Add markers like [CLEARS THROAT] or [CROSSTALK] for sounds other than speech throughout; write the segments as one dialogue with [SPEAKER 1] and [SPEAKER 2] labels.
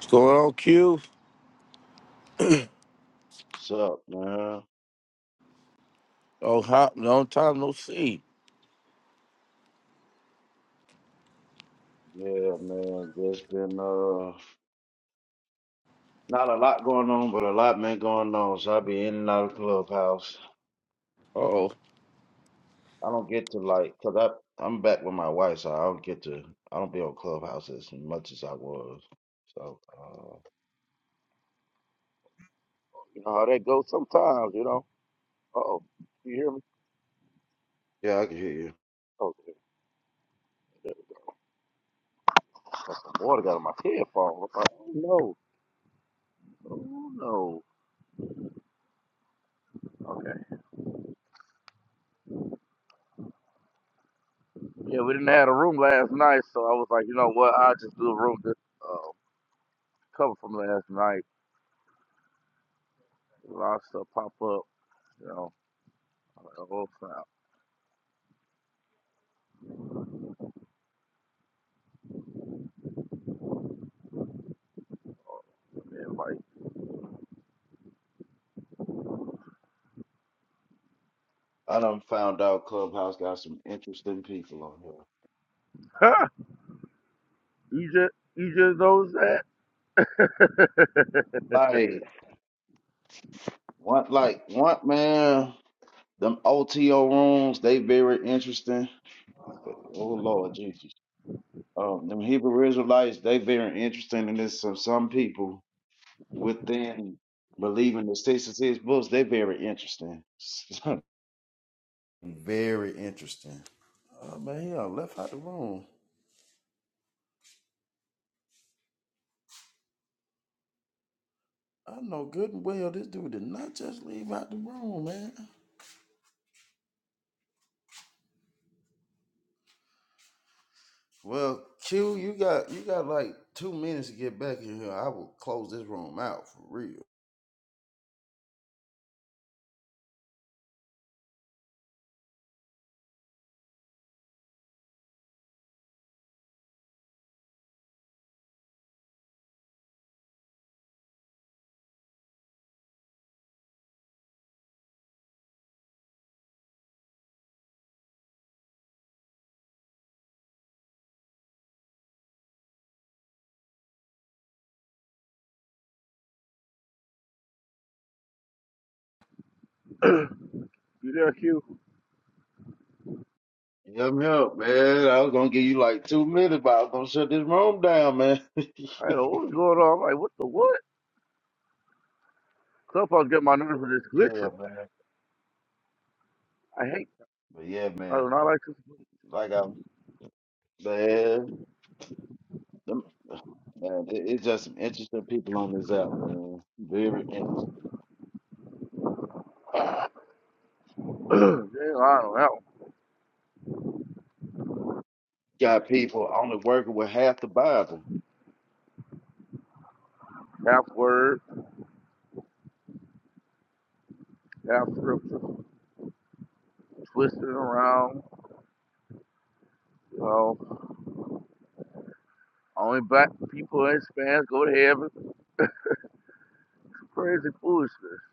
[SPEAKER 1] What's going on, Q?
[SPEAKER 2] What's up, man?
[SPEAKER 1] Oh, hot, long time no see.
[SPEAKER 2] Yeah, man. Just been uh not a lot going on, but a lot been going on. So I be in and out of clubhouse.
[SPEAKER 1] Oh,
[SPEAKER 2] I don't get to like, cause I I'm back with my wife, so I don't get to I don't be on clubhouse as much as I was. So uh
[SPEAKER 1] you know how that goes sometimes, you know. Uh oh, you hear me?
[SPEAKER 2] yeah, I can hear you.
[SPEAKER 1] Oh, there- there- got some water got on my headphone. Oh no, oh no. Okay, yeah, we didn't have a room last night, so I was like, you know what? I will just do a room just uh, cover from last night. A lot of stuff pop up, you know. I'm like, oh snap! And like,
[SPEAKER 2] I done found out clubhouse got some interesting people on here.
[SPEAKER 1] [LAUGHS] huh? You just you just knows that?
[SPEAKER 2] Like one, like one man. Them OTO rooms, they very interesting. Oh Lord Jesus. Um, them Hebrew Israelites, they very interesting in this. Some some people within believing the six and six books, they very interesting. [LAUGHS] very interesting. Oh man, he done left out the room. I know good and well this dude did not just leave out the room, man. Well, Q, you got you got like two minutes to get back in here. I will close this room out for real.
[SPEAKER 1] [LAUGHS] you there, Q?
[SPEAKER 2] Yeah, me up, man. I was gonna give you like two minutes, but I was gonna shut this room down, man. [LAUGHS]
[SPEAKER 1] I don't know what was going on. I'm like, what the what? Clubhouse get my nerves with this
[SPEAKER 2] yeah,
[SPEAKER 1] glitcher.
[SPEAKER 2] man.
[SPEAKER 1] I hate.
[SPEAKER 2] But yeah,
[SPEAKER 1] I
[SPEAKER 2] man,
[SPEAKER 1] do not
[SPEAKER 2] um,
[SPEAKER 1] like this.
[SPEAKER 2] like I man, them, man, it, it's just some interesting people on this app, man. Very in-
[SPEAKER 1] [CLEARS THROAT] Dang, I don't know.
[SPEAKER 2] got people only working with half the Bible.
[SPEAKER 1] Half word, half scripture, twisting around. You know, only black people and Spanish go to heaven. Crazy foolishness.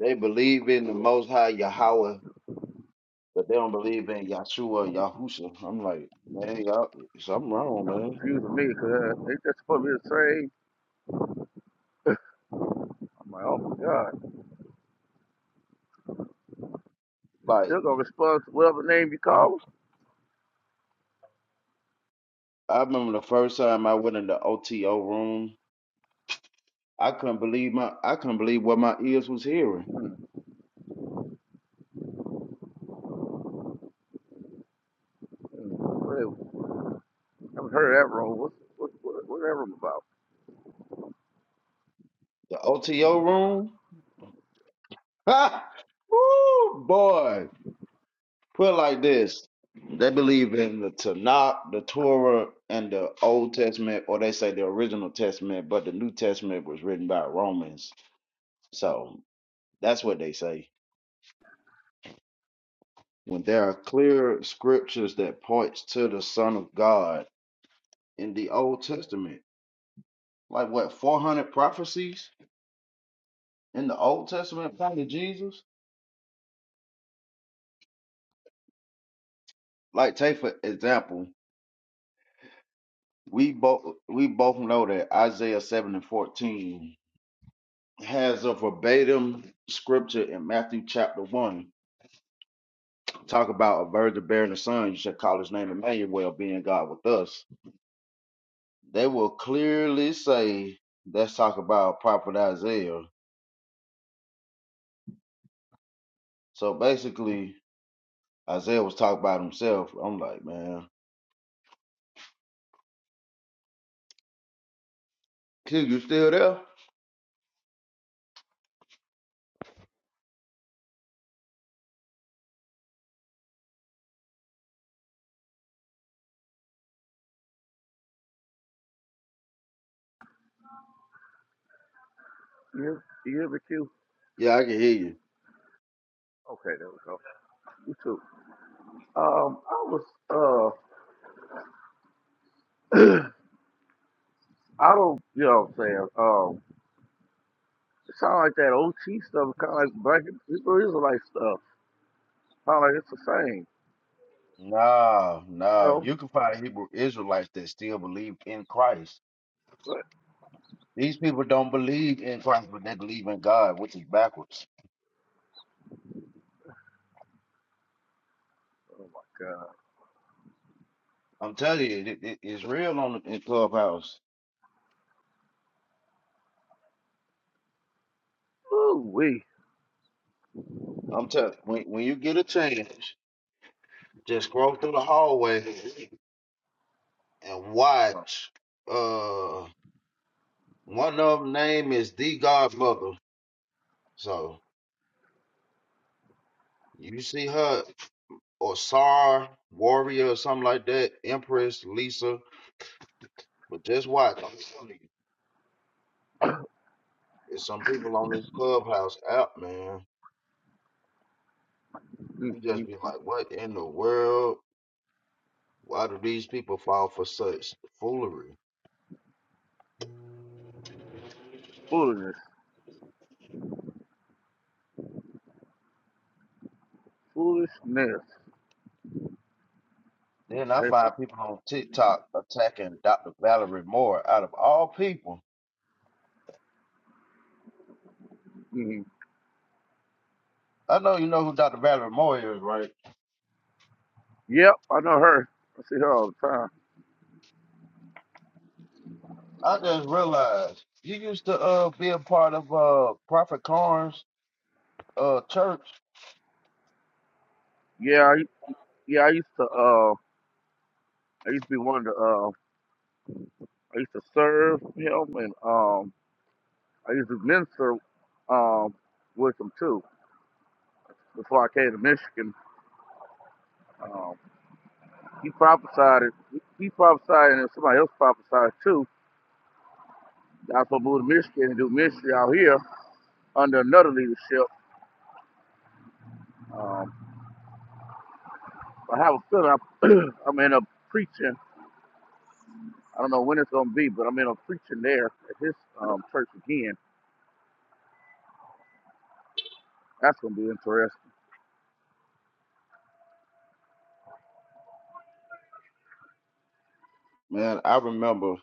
[SPEAKER 2] They believe in the Most High Yahweh, but they don't believe in Yahshua Yahusha. I'm like, man, y'all, something wrong,
[SPEAKER 1] Y'all
[SPEAKER 2] man.
[SPEAKER 1] confusing me because they just supposed to be the same. I'm like, oh my God. You
[SPEAKER 2] Like
[SPEAKER 1] still gonna respond to whatever name you
[SPEAKER 2] i
[SPEAKER 1] call
[SPEAKER 2] I remember the first time I went in the OTO room. I couldn't believe my I couldn't believe what my ears was hearing.
[SPEAKER 1] them? Hmm, hmm. Really, I haven't heard that wrong. What's what, what, what that room about?
[SPEAKER 2] The OTO room, [LAUGHS] ha, woo, boy. Put it like this. They believe in the Tanakh, the Torah, and the Old Testament, or they say the original Testament, but the New Testament was written by Romans. So that's what they say. When there are clear scriptures that points to the Son of God in the Old Testament, like what four hundred prophecies in the Old Testament about Jesus. Like take for example, we both we both know that Isaiah seven and fourteen has a verbatim scripture in Matthew chapter 1 talk about a virgin bearing a son, you shall call his name Emmanuel, being God with us. They will clearly say let's talk about prophet Isaiah. So basically, Isaiah was talking about himself. I'm like, man, kid, you still there?
[SPEAKER 1] You hear, you hear me, Q?
[SPEAKER 2] Yeah, I can hear you.
[SPEAKER 1] Okay, there we go. You too. Um, I was uh. [CLEARS THROAT] I don't, you know what I'm saying? Um, it sound like that OT stuff, kind of like black Hebrew Israelite stuff. Sound like it's the same,
[SPEAKER 2] Nah,
[SPEAKER 1] you
[SPEAKER 2] nah.
[SPEAKER 1] know?
[SPEAKER 2] You can find Hebrew Israelites that still believe in Christ.
[SPEAKER 1] But,
[SPEAKER 2] These people don't believe in Christ, but they believe in God, which is backwards.
[SPEAKER 1] oh my God.
[SPEAKER 2] I'm telling you, it, it, it's real on the in clubhouse.
[SPEAKER 1] Ooh, we.
[SPEAKER 2] I'm telling when when you get a chance, just scroll through the hallway and watch. Uh, one of them name is the Godmother, so you see her or Sar Warrior or something like that, Empress Lisa. But just watch. I'm telling you, it's some people on this clubhouse app, man. You just
[SPEAKER 1] Mm-mm.
[SPEAKER 2] be like, what in the world? Why do these people fall for such foolery?
[SPEAKER 1] Foolishness. Foolishness.
[SPEAKER 2] Then I
[SPEAKER 1] Hey,
[SPEAKER 2] find
[SPEAKER 1] something.
[SPEAKER 2] people on TikTok attacking Dr. Valerie Moore out of all people.
[SPEAKER 1] mm
[SPEAKER 2] I know you know who Dr. Valerie Moore is, right?
[SPEAKER 1] Yep, I know her. I see her all the time.
[SPEAKER 2] I just realized you used to uh be a part of uh Prophet Karn's uh church.
[SPEAKER 1] Yeah, I, yeah, I used to, uh, I used to be one of the, uh, I used to serve him and, um, I used to minister, um, with him too before I came to Michigan. Um. He prophesied it. He prophesied and somebody else prophesied too. I was supposed to move to Michigan and do ministry out here under another leadership. Um, I have a feeling I'm, [CLEARS THROAT] I'm in a preaching. I don't know when it's going to be, but I'm in a preaching there at his um, church again. That's going to be interesting.
[SPEAKER 2] Man, I remember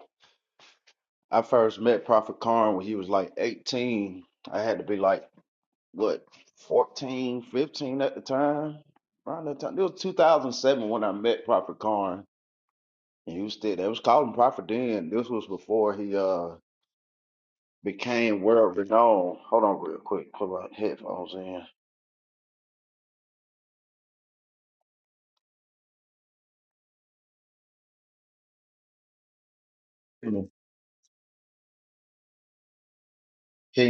[SPEAKER 2] I first met Prophet Karn when he was like 18. I had to be like what 14, 15 at the time. Around that time. It was 2007 when I met Prophet Karn. And he was still they was calling Prophet then. This was before he uh became world renowned. Hold on real quick, put my headphones in. Can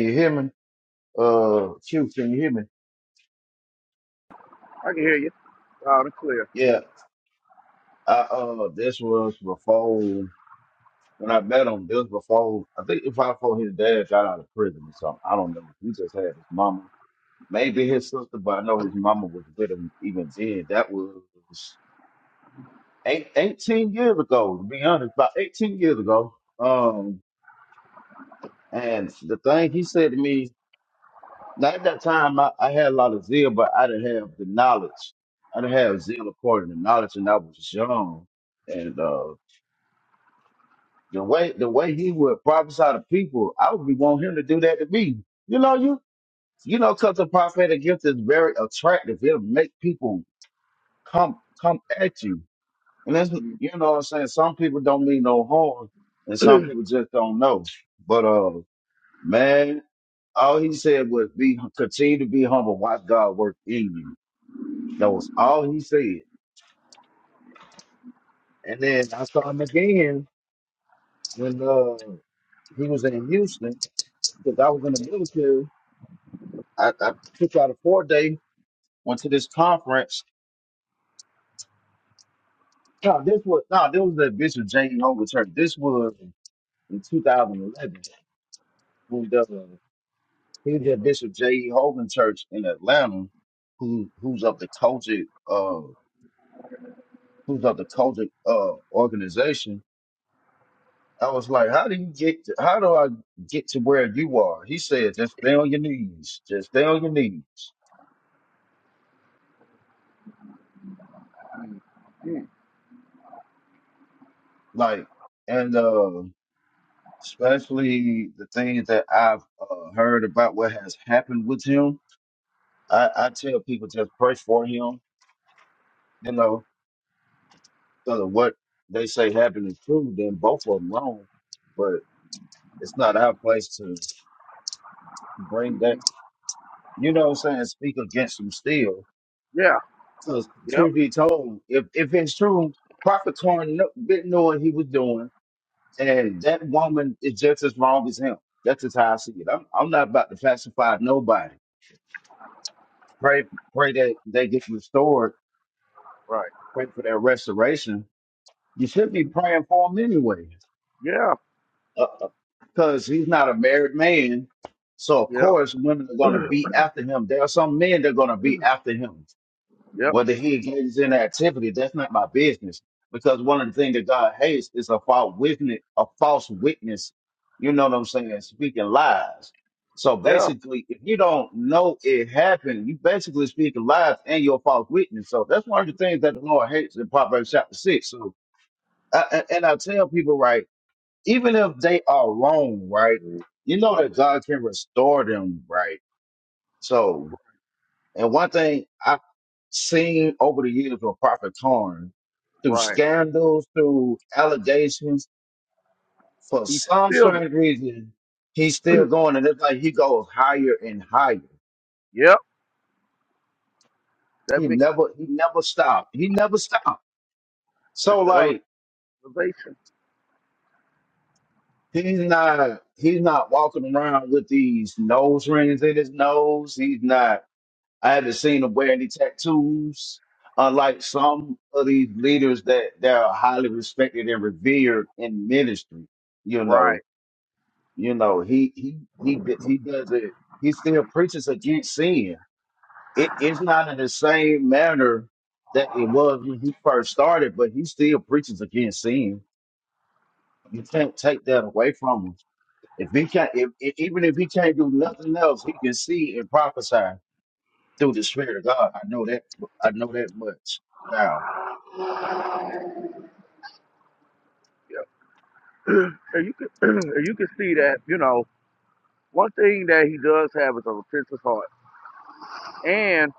[SPEAKER 2] you hear me? Uh Q, can you hear me?
[SPEAKER 1] I can hear you loud and clear.
[SPEAKER 2] Yeah. I uh this was before when I met him, this was before I think if I before his dad got out of prison or something. I don't know. He just had his mama. Maybe his sister, but I know his mama was with him even then. That was eight, eighteen years ago, to be honest, about 18 years ago. Um and the thing he said to me Now at that time, I, I had a lot of zeal, but I didn't have the knowledge. I didn't have zeal according to knowledge, and I was young. And uh, the way the way he would prophesy to people, I would be want him to do that to me. You know, you you know, because the prophetic gift is very attractive. It'll make people come come at you, and that's you know what I'm saying. Some people don't mean no harm, and some people just don't know. But uh, man, all he said was be continue to be humble, watch God work in you. That was all he said. And then I, when uh, he was in Houston, because I was in the military, I, I took out a four day, went to this conference. No, this was no, this was the Bishop J. Holger Church. This was in 2011 when the, he was at Bishop J. Hogan Church in Atlanta, who who's of the Kojic, uh, who's of the Kojic uh organization I was like, how do you get to, how do I get to where you are? He said, just stay on your knees. Just stay on your knees.
[SPEAKER 1] [CLEARS THROAT]
[SPEAKER 2] Like, and uh, especially the things that I've uh, heard about what has happened with him. I, I tell people just pray for him, you know, so that what they say happened is true, then both of them wrong. But it's not our place to bring that, you know what I'm saying, speak against them still
[SPEAKER 1] yeah.
[SPEAKER 2] So
[SPEAKER 1] Yep.
[SPEAKER 2] truth be told, if if it's true, Prophet Torn kn- didn't know what he was doing, and that woman is just as wrong as him. That's just how I see it. I'm I'm not about to pacify nobody. Pray pray that they get restored.
[SPEAKER 1] Right.
[SPEAKER 2] Pray for their restoration. You should be praying for him anyway,
[SPEAKER 1] Yeah.
[SPEAKER 2] because he's not a married man. So of
[SPEAKER 1] Yep.
[SPEAKER 2] course, women are going
[SPEAKER 1] [CLEARS THROAT]
[SPEAKER 2] to be after him. There are some men that are going to be after him.
[SPEAKER 1] yep.
[SPEAKER 2] Whether he engages in activity, that's not my business. Because one of the things that God hates is a false witness, a false witness. You know what I'm saying? Speaking lies. So
[SPEAKER 1] Yeah.
[SPEAKER 2] basically, if you don't know it happened, you basically speaking lies and you're a false witness. So that's one of the things that the Lord hates in Proverbs chapter six. So, I, I- and I tell people, right, even if they are wrong, right, you know that God can restore them, right? So and one thing I've seen over the years with Prophet Karn, through
[SPEAKER 1] Right.
[SPEAKER 2] scandals, through allegations, for
[SPEAKER 1] He's
[SPEAKER 2] some
[SPEAKER 1] still going.
[SPEAKER 2] strange reason, he's still going, and it's like he goes higher and higher.
[SPEAKER 1] Yep. That
[SPEAKER 2] He
[SPEAKER 1] makes.
[SPEAKER 2] never, he never stopped. He never stopped. So
[SPEAKER 1] that's the
[SPEAKER 2] like
[SPEAKER 1] elevation.
[SPEAKER 2] he's not, he's not walking around with these nose rings in his nose. He's not I haven't seen them wear any tattoos. Unlike some of these leaders that that are highly respected and revered in ministry, you
[SPEAKER 1] Right.
[SPEAKER 2] know, you know, he he he d- he does it. He still preaches against sin. It is not in the same manner that it was when he first started, but he still preaches against sin. You can't take that away from him. If he can't, if, if- even if he can't do nothing else, he can see and prophesy. through the Spirit of God. I know that. I know that much now.
[SPEAKER 1] Yeah. [CLEARS THROAT] and you can [CLEARS THROAT] and you can see that you know one thing that he does have is a repentant heart, and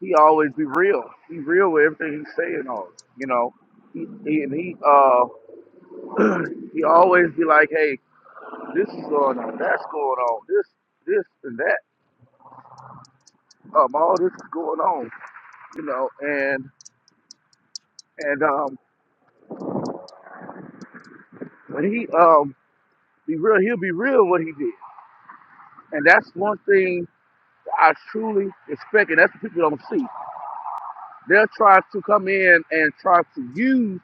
[SPEAKER 1] he always be real. He real with everything he's saying. On you know, he, he and he uh [CLEARS THROAT] he always be like, hey, this is going on, that's going on, this this and that. Um, all this is going on. You know, and and um when he um be real, he'll be real what he did, and that's one thing I truly expect, and that's what people don't see. They'll try to come in and try to use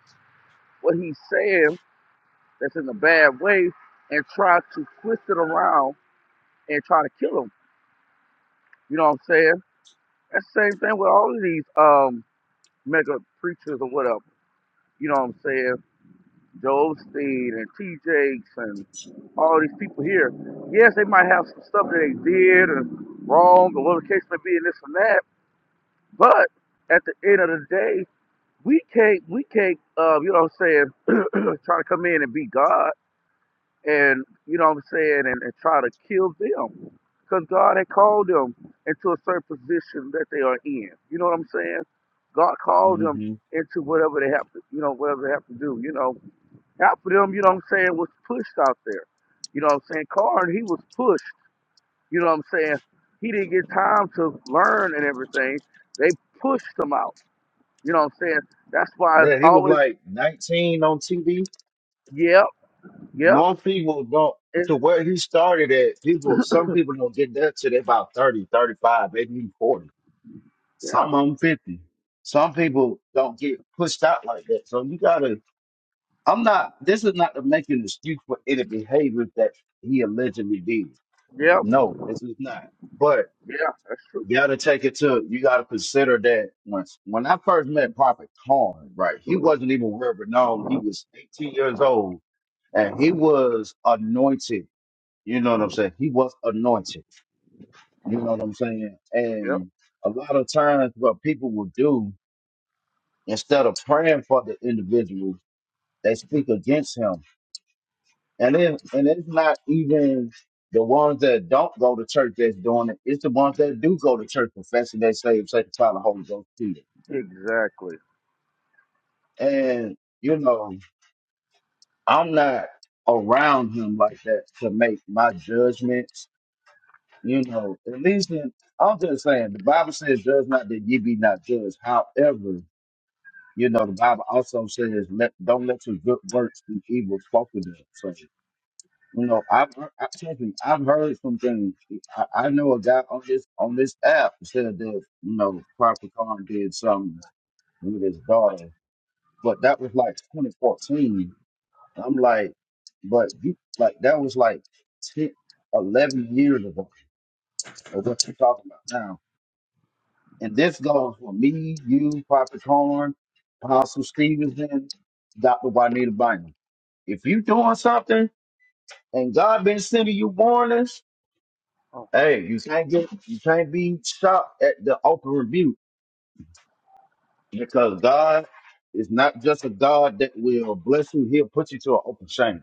[SPEAKER 1] what he's saying that's in a bad way and try to twist it around and try to kill him. You know what I'm saying? That's the same thing with all of these um mega preachers or whatever. You know what I'm saying? Joel Stein and T. Jakes and all these people here. Yes, they might have some stuff that they did and wrong or whatever the case may be and this and that, but at the end of the day, we can't we can't uh you know what I'm saying [CLEARS THROAT] try to come in and be God and you know what I'm saying and, and try to kill them because God had called them into a certain position that they are in. You know what I'm saying? God called them
[SPEAKER 2] hmm
[SPEAKER 1] into whatever they have to you know whatever they have to do. You know half of them you know what I'm saying was pushed out there. You know what I'm saying? Corn he was pushed. You know what I'm saying? He didn't get time to learn and everything. They pushed him out. You know what I'm saying? That's why it's
[SPEAKER 2] Man, he was
[SPEAKER 1] always
[SPEAKER 2] like 19 on TV.
[SPEAKER 1] Yep, yep.
[SPEAKER 2] Most people don't.
[SPEAKER 1] It's
[SPEAKER 2] To where he started at, people. Some people don't get that till they about 30, 35, maybe even 40.
[SPEAKER 1] yeah,
[SPEAKER 2] Some of them 50. Some people don't get pushed out like that. So you gotta. I'm not. This is not to make an excuse for any behavior that he allegedly did.
[SPEAKER 1] yep,
[SPEAKER 2] No, this is not. But.
[SPEAKER 1] yeah. That's true.
[SPEAKER 2] You gotta take it to you gotta consider that once when when I first met Prophet Karn, right, he wasn't even world renowned. He was 18 years old and he was anointed. You know what I'm saying? He was anointed. You know what I'm saying?
[SPEAKER 1] Yep,
[SPEAKER 2] And a lot of times what people will do, instead of praying for the individual, they speak against him. And then and it's not even the ones that don't go to church that's doing it, it's the ones that do go to church professing they say, sanctified by the Holy Ghost too.
[SPEAKER 1] exactly.
[SPEAKER 2] And, you know, I'm not around him like that to make my judgments. You know, at least in, I'm just saying, the Bible says, judge not that ye be not judged. However, you know, the Bible also says, let, don't let your good works be evil spoken of. So, you know, I've, heard- I, trust me, I've heard some things. I, I know a guy on this, on this app said that, you know, Prophet Karn did something with his daughter, but that was like 2014 I'm like, but you like that was like 10, 11 years ago of what you're talking about now. And this goes for me, you, Prophet Horn, Apostle Stevenson, Dr. Juanita Bynum. If you doing something and God been sending you warnings,
[SPEAKER 1] Oh,
[SPEAKER 2] hey, you can't get you can't be shocked at the open rebuke because God is not just a God that will bless you, he'll put you to an open shame.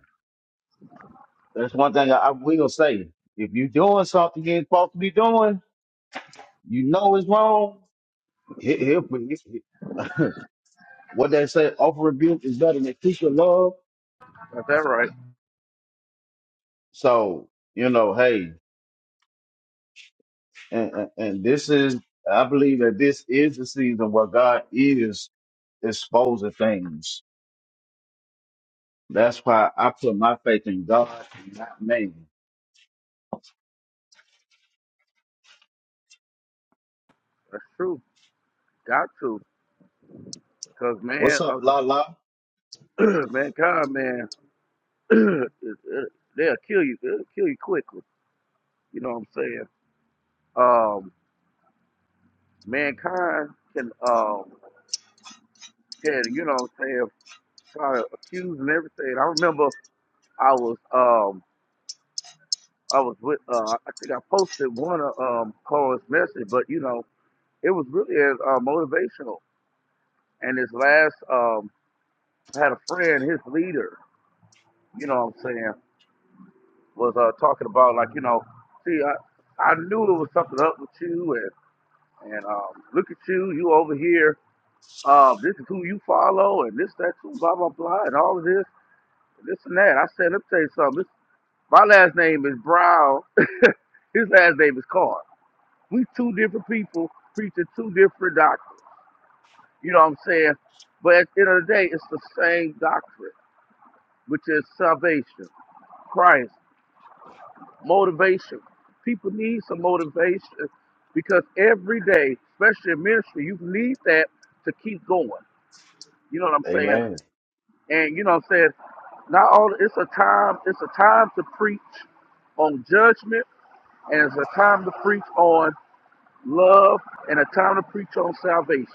[SPEAKER 2] That's one thing I, I will say. If you're doing something you ain't supposed to be doing, you know it's wrong. He- He'll, put- he- he- [LAUGHS] what they say, offer rebuke is better than secret love.
[SPEAKER 1] got that right.
[SPEAKER 2] So you know, hey, and, and and this is, I believe that this is the season where God is exposing things. That's why I put my faith in God, and not man.
[SPEAKER 1] That's true. Got to, cause man,
[SPEAKER 2] What's up,
[SPEAKER 1] uh,
[SPEAKER 2] La La?
[SPEAKER 1] 'cause [CLEARS THROAT] mankind, man, [CLEARS THROAT] it, it, they'll kill you. They'll kill you quickly. You know what I'm saying? Um, mankind can, um, can you know what I'm saying? Try to accuse and everything. I remember I was, um, I was with, uh, I think I posted one of um Colin's message, but you know, it was really as uh, motivational. And this last, um, I had a friend, his leader, you know what I'm saying, was uh, talking about like, you know, see, I, I knew there was something up with you, and and um, look at you, you over here. Um, this is who you follow, and this, that, too, blah, blah, blah, and all of this, and this and that. I said, let me tell you something. This, my last name is Brown. [LAUGHS] His last name is Carr. We two different people preaching two different doctrines. You know what I'm saying? But at the end of the day, it's the same doctrine, which is salvation. Christ, motivation. People need some motivation because every day, especially in ministry, you need that to keep going. You know what I'm saying?
[SPEAKER 2] Amen.
[SPEAKER 1] And you know what I'm saying? Not all it's a time, it's a time to preach on judgment, and it's a time to preach on love and a time to preach on salvation.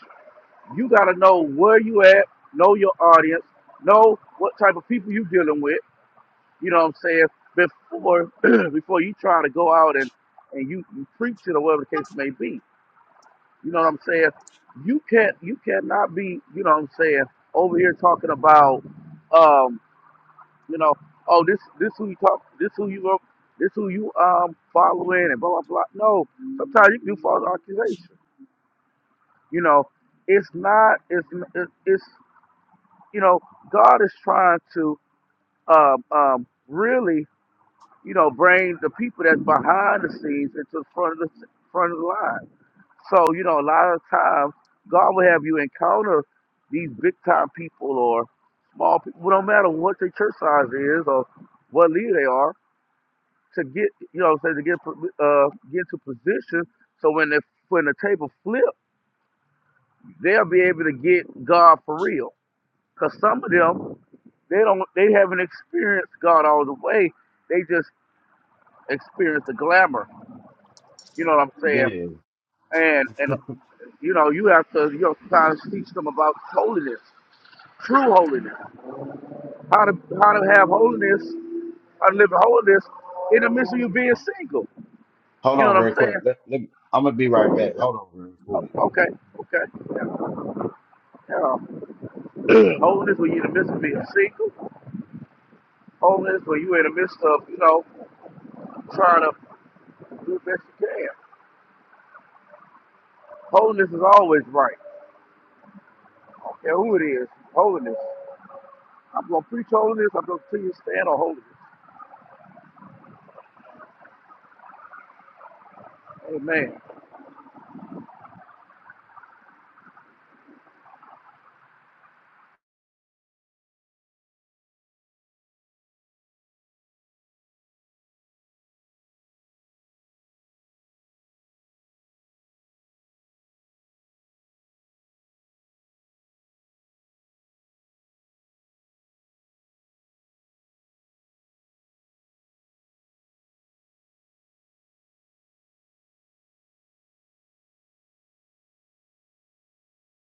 [SPEAKER 1] You gotta know where you at, know your audience, know what type of people you dealing with You know what I'm saying? Before [CLEARS THROAT] before you try to go out and, and you, you preach it or whatever the case may be. You know what I'm saying? You can't you cannot be, you know what I'm saying, over here talking about um, you know, oh this this who you talk this who you up this who you um following and blah blah blah. No. Sometimes you can do false accusation. You know, it's not it's it's you know, God is trying to um um really you know, bring the people that's behind the scenes into the front of the front of the line. So, you know, a lot of times God will have you encounter these big time people or small people, no matter what their church size is or what leader they are, to get you know, say to get uh get to position so when they when the table flip, they'll be able to get God for real. Cause some of them they don't they haven't experienced God all the way. They just experience the glamour. You know what I'm saying?
[SPEAKER 2] Yeah.
[SPEAKER 1] and and uh, you know you have to you know sometimes teach them about holiness, true holiness, how to how to have holiness, how to live in holiness in the midst of you being single.
[SPEAKER 2] Hold
[SPEAKER 1] You know
[SPEAKER 2] on,
[SPEAKER 1] what I'm
[SPEAKER 2] real quick.
[SPEAKER 1] saying?
[SPEAKER 2] Let, let, I'm gonna be right back. Hold on, real quick.
[SPEAKER 1] O- Okay, okay, yeah. yeah. [CLEARS THROAT] holiness when you're in the midst of being single. Holiness when you're in the midst of you know trying to do the best you can. Holiness is always right. I don't care who it is. Holiness. I'm gonna preach holiness. I'm gonna continue to stand on holiness. Amen.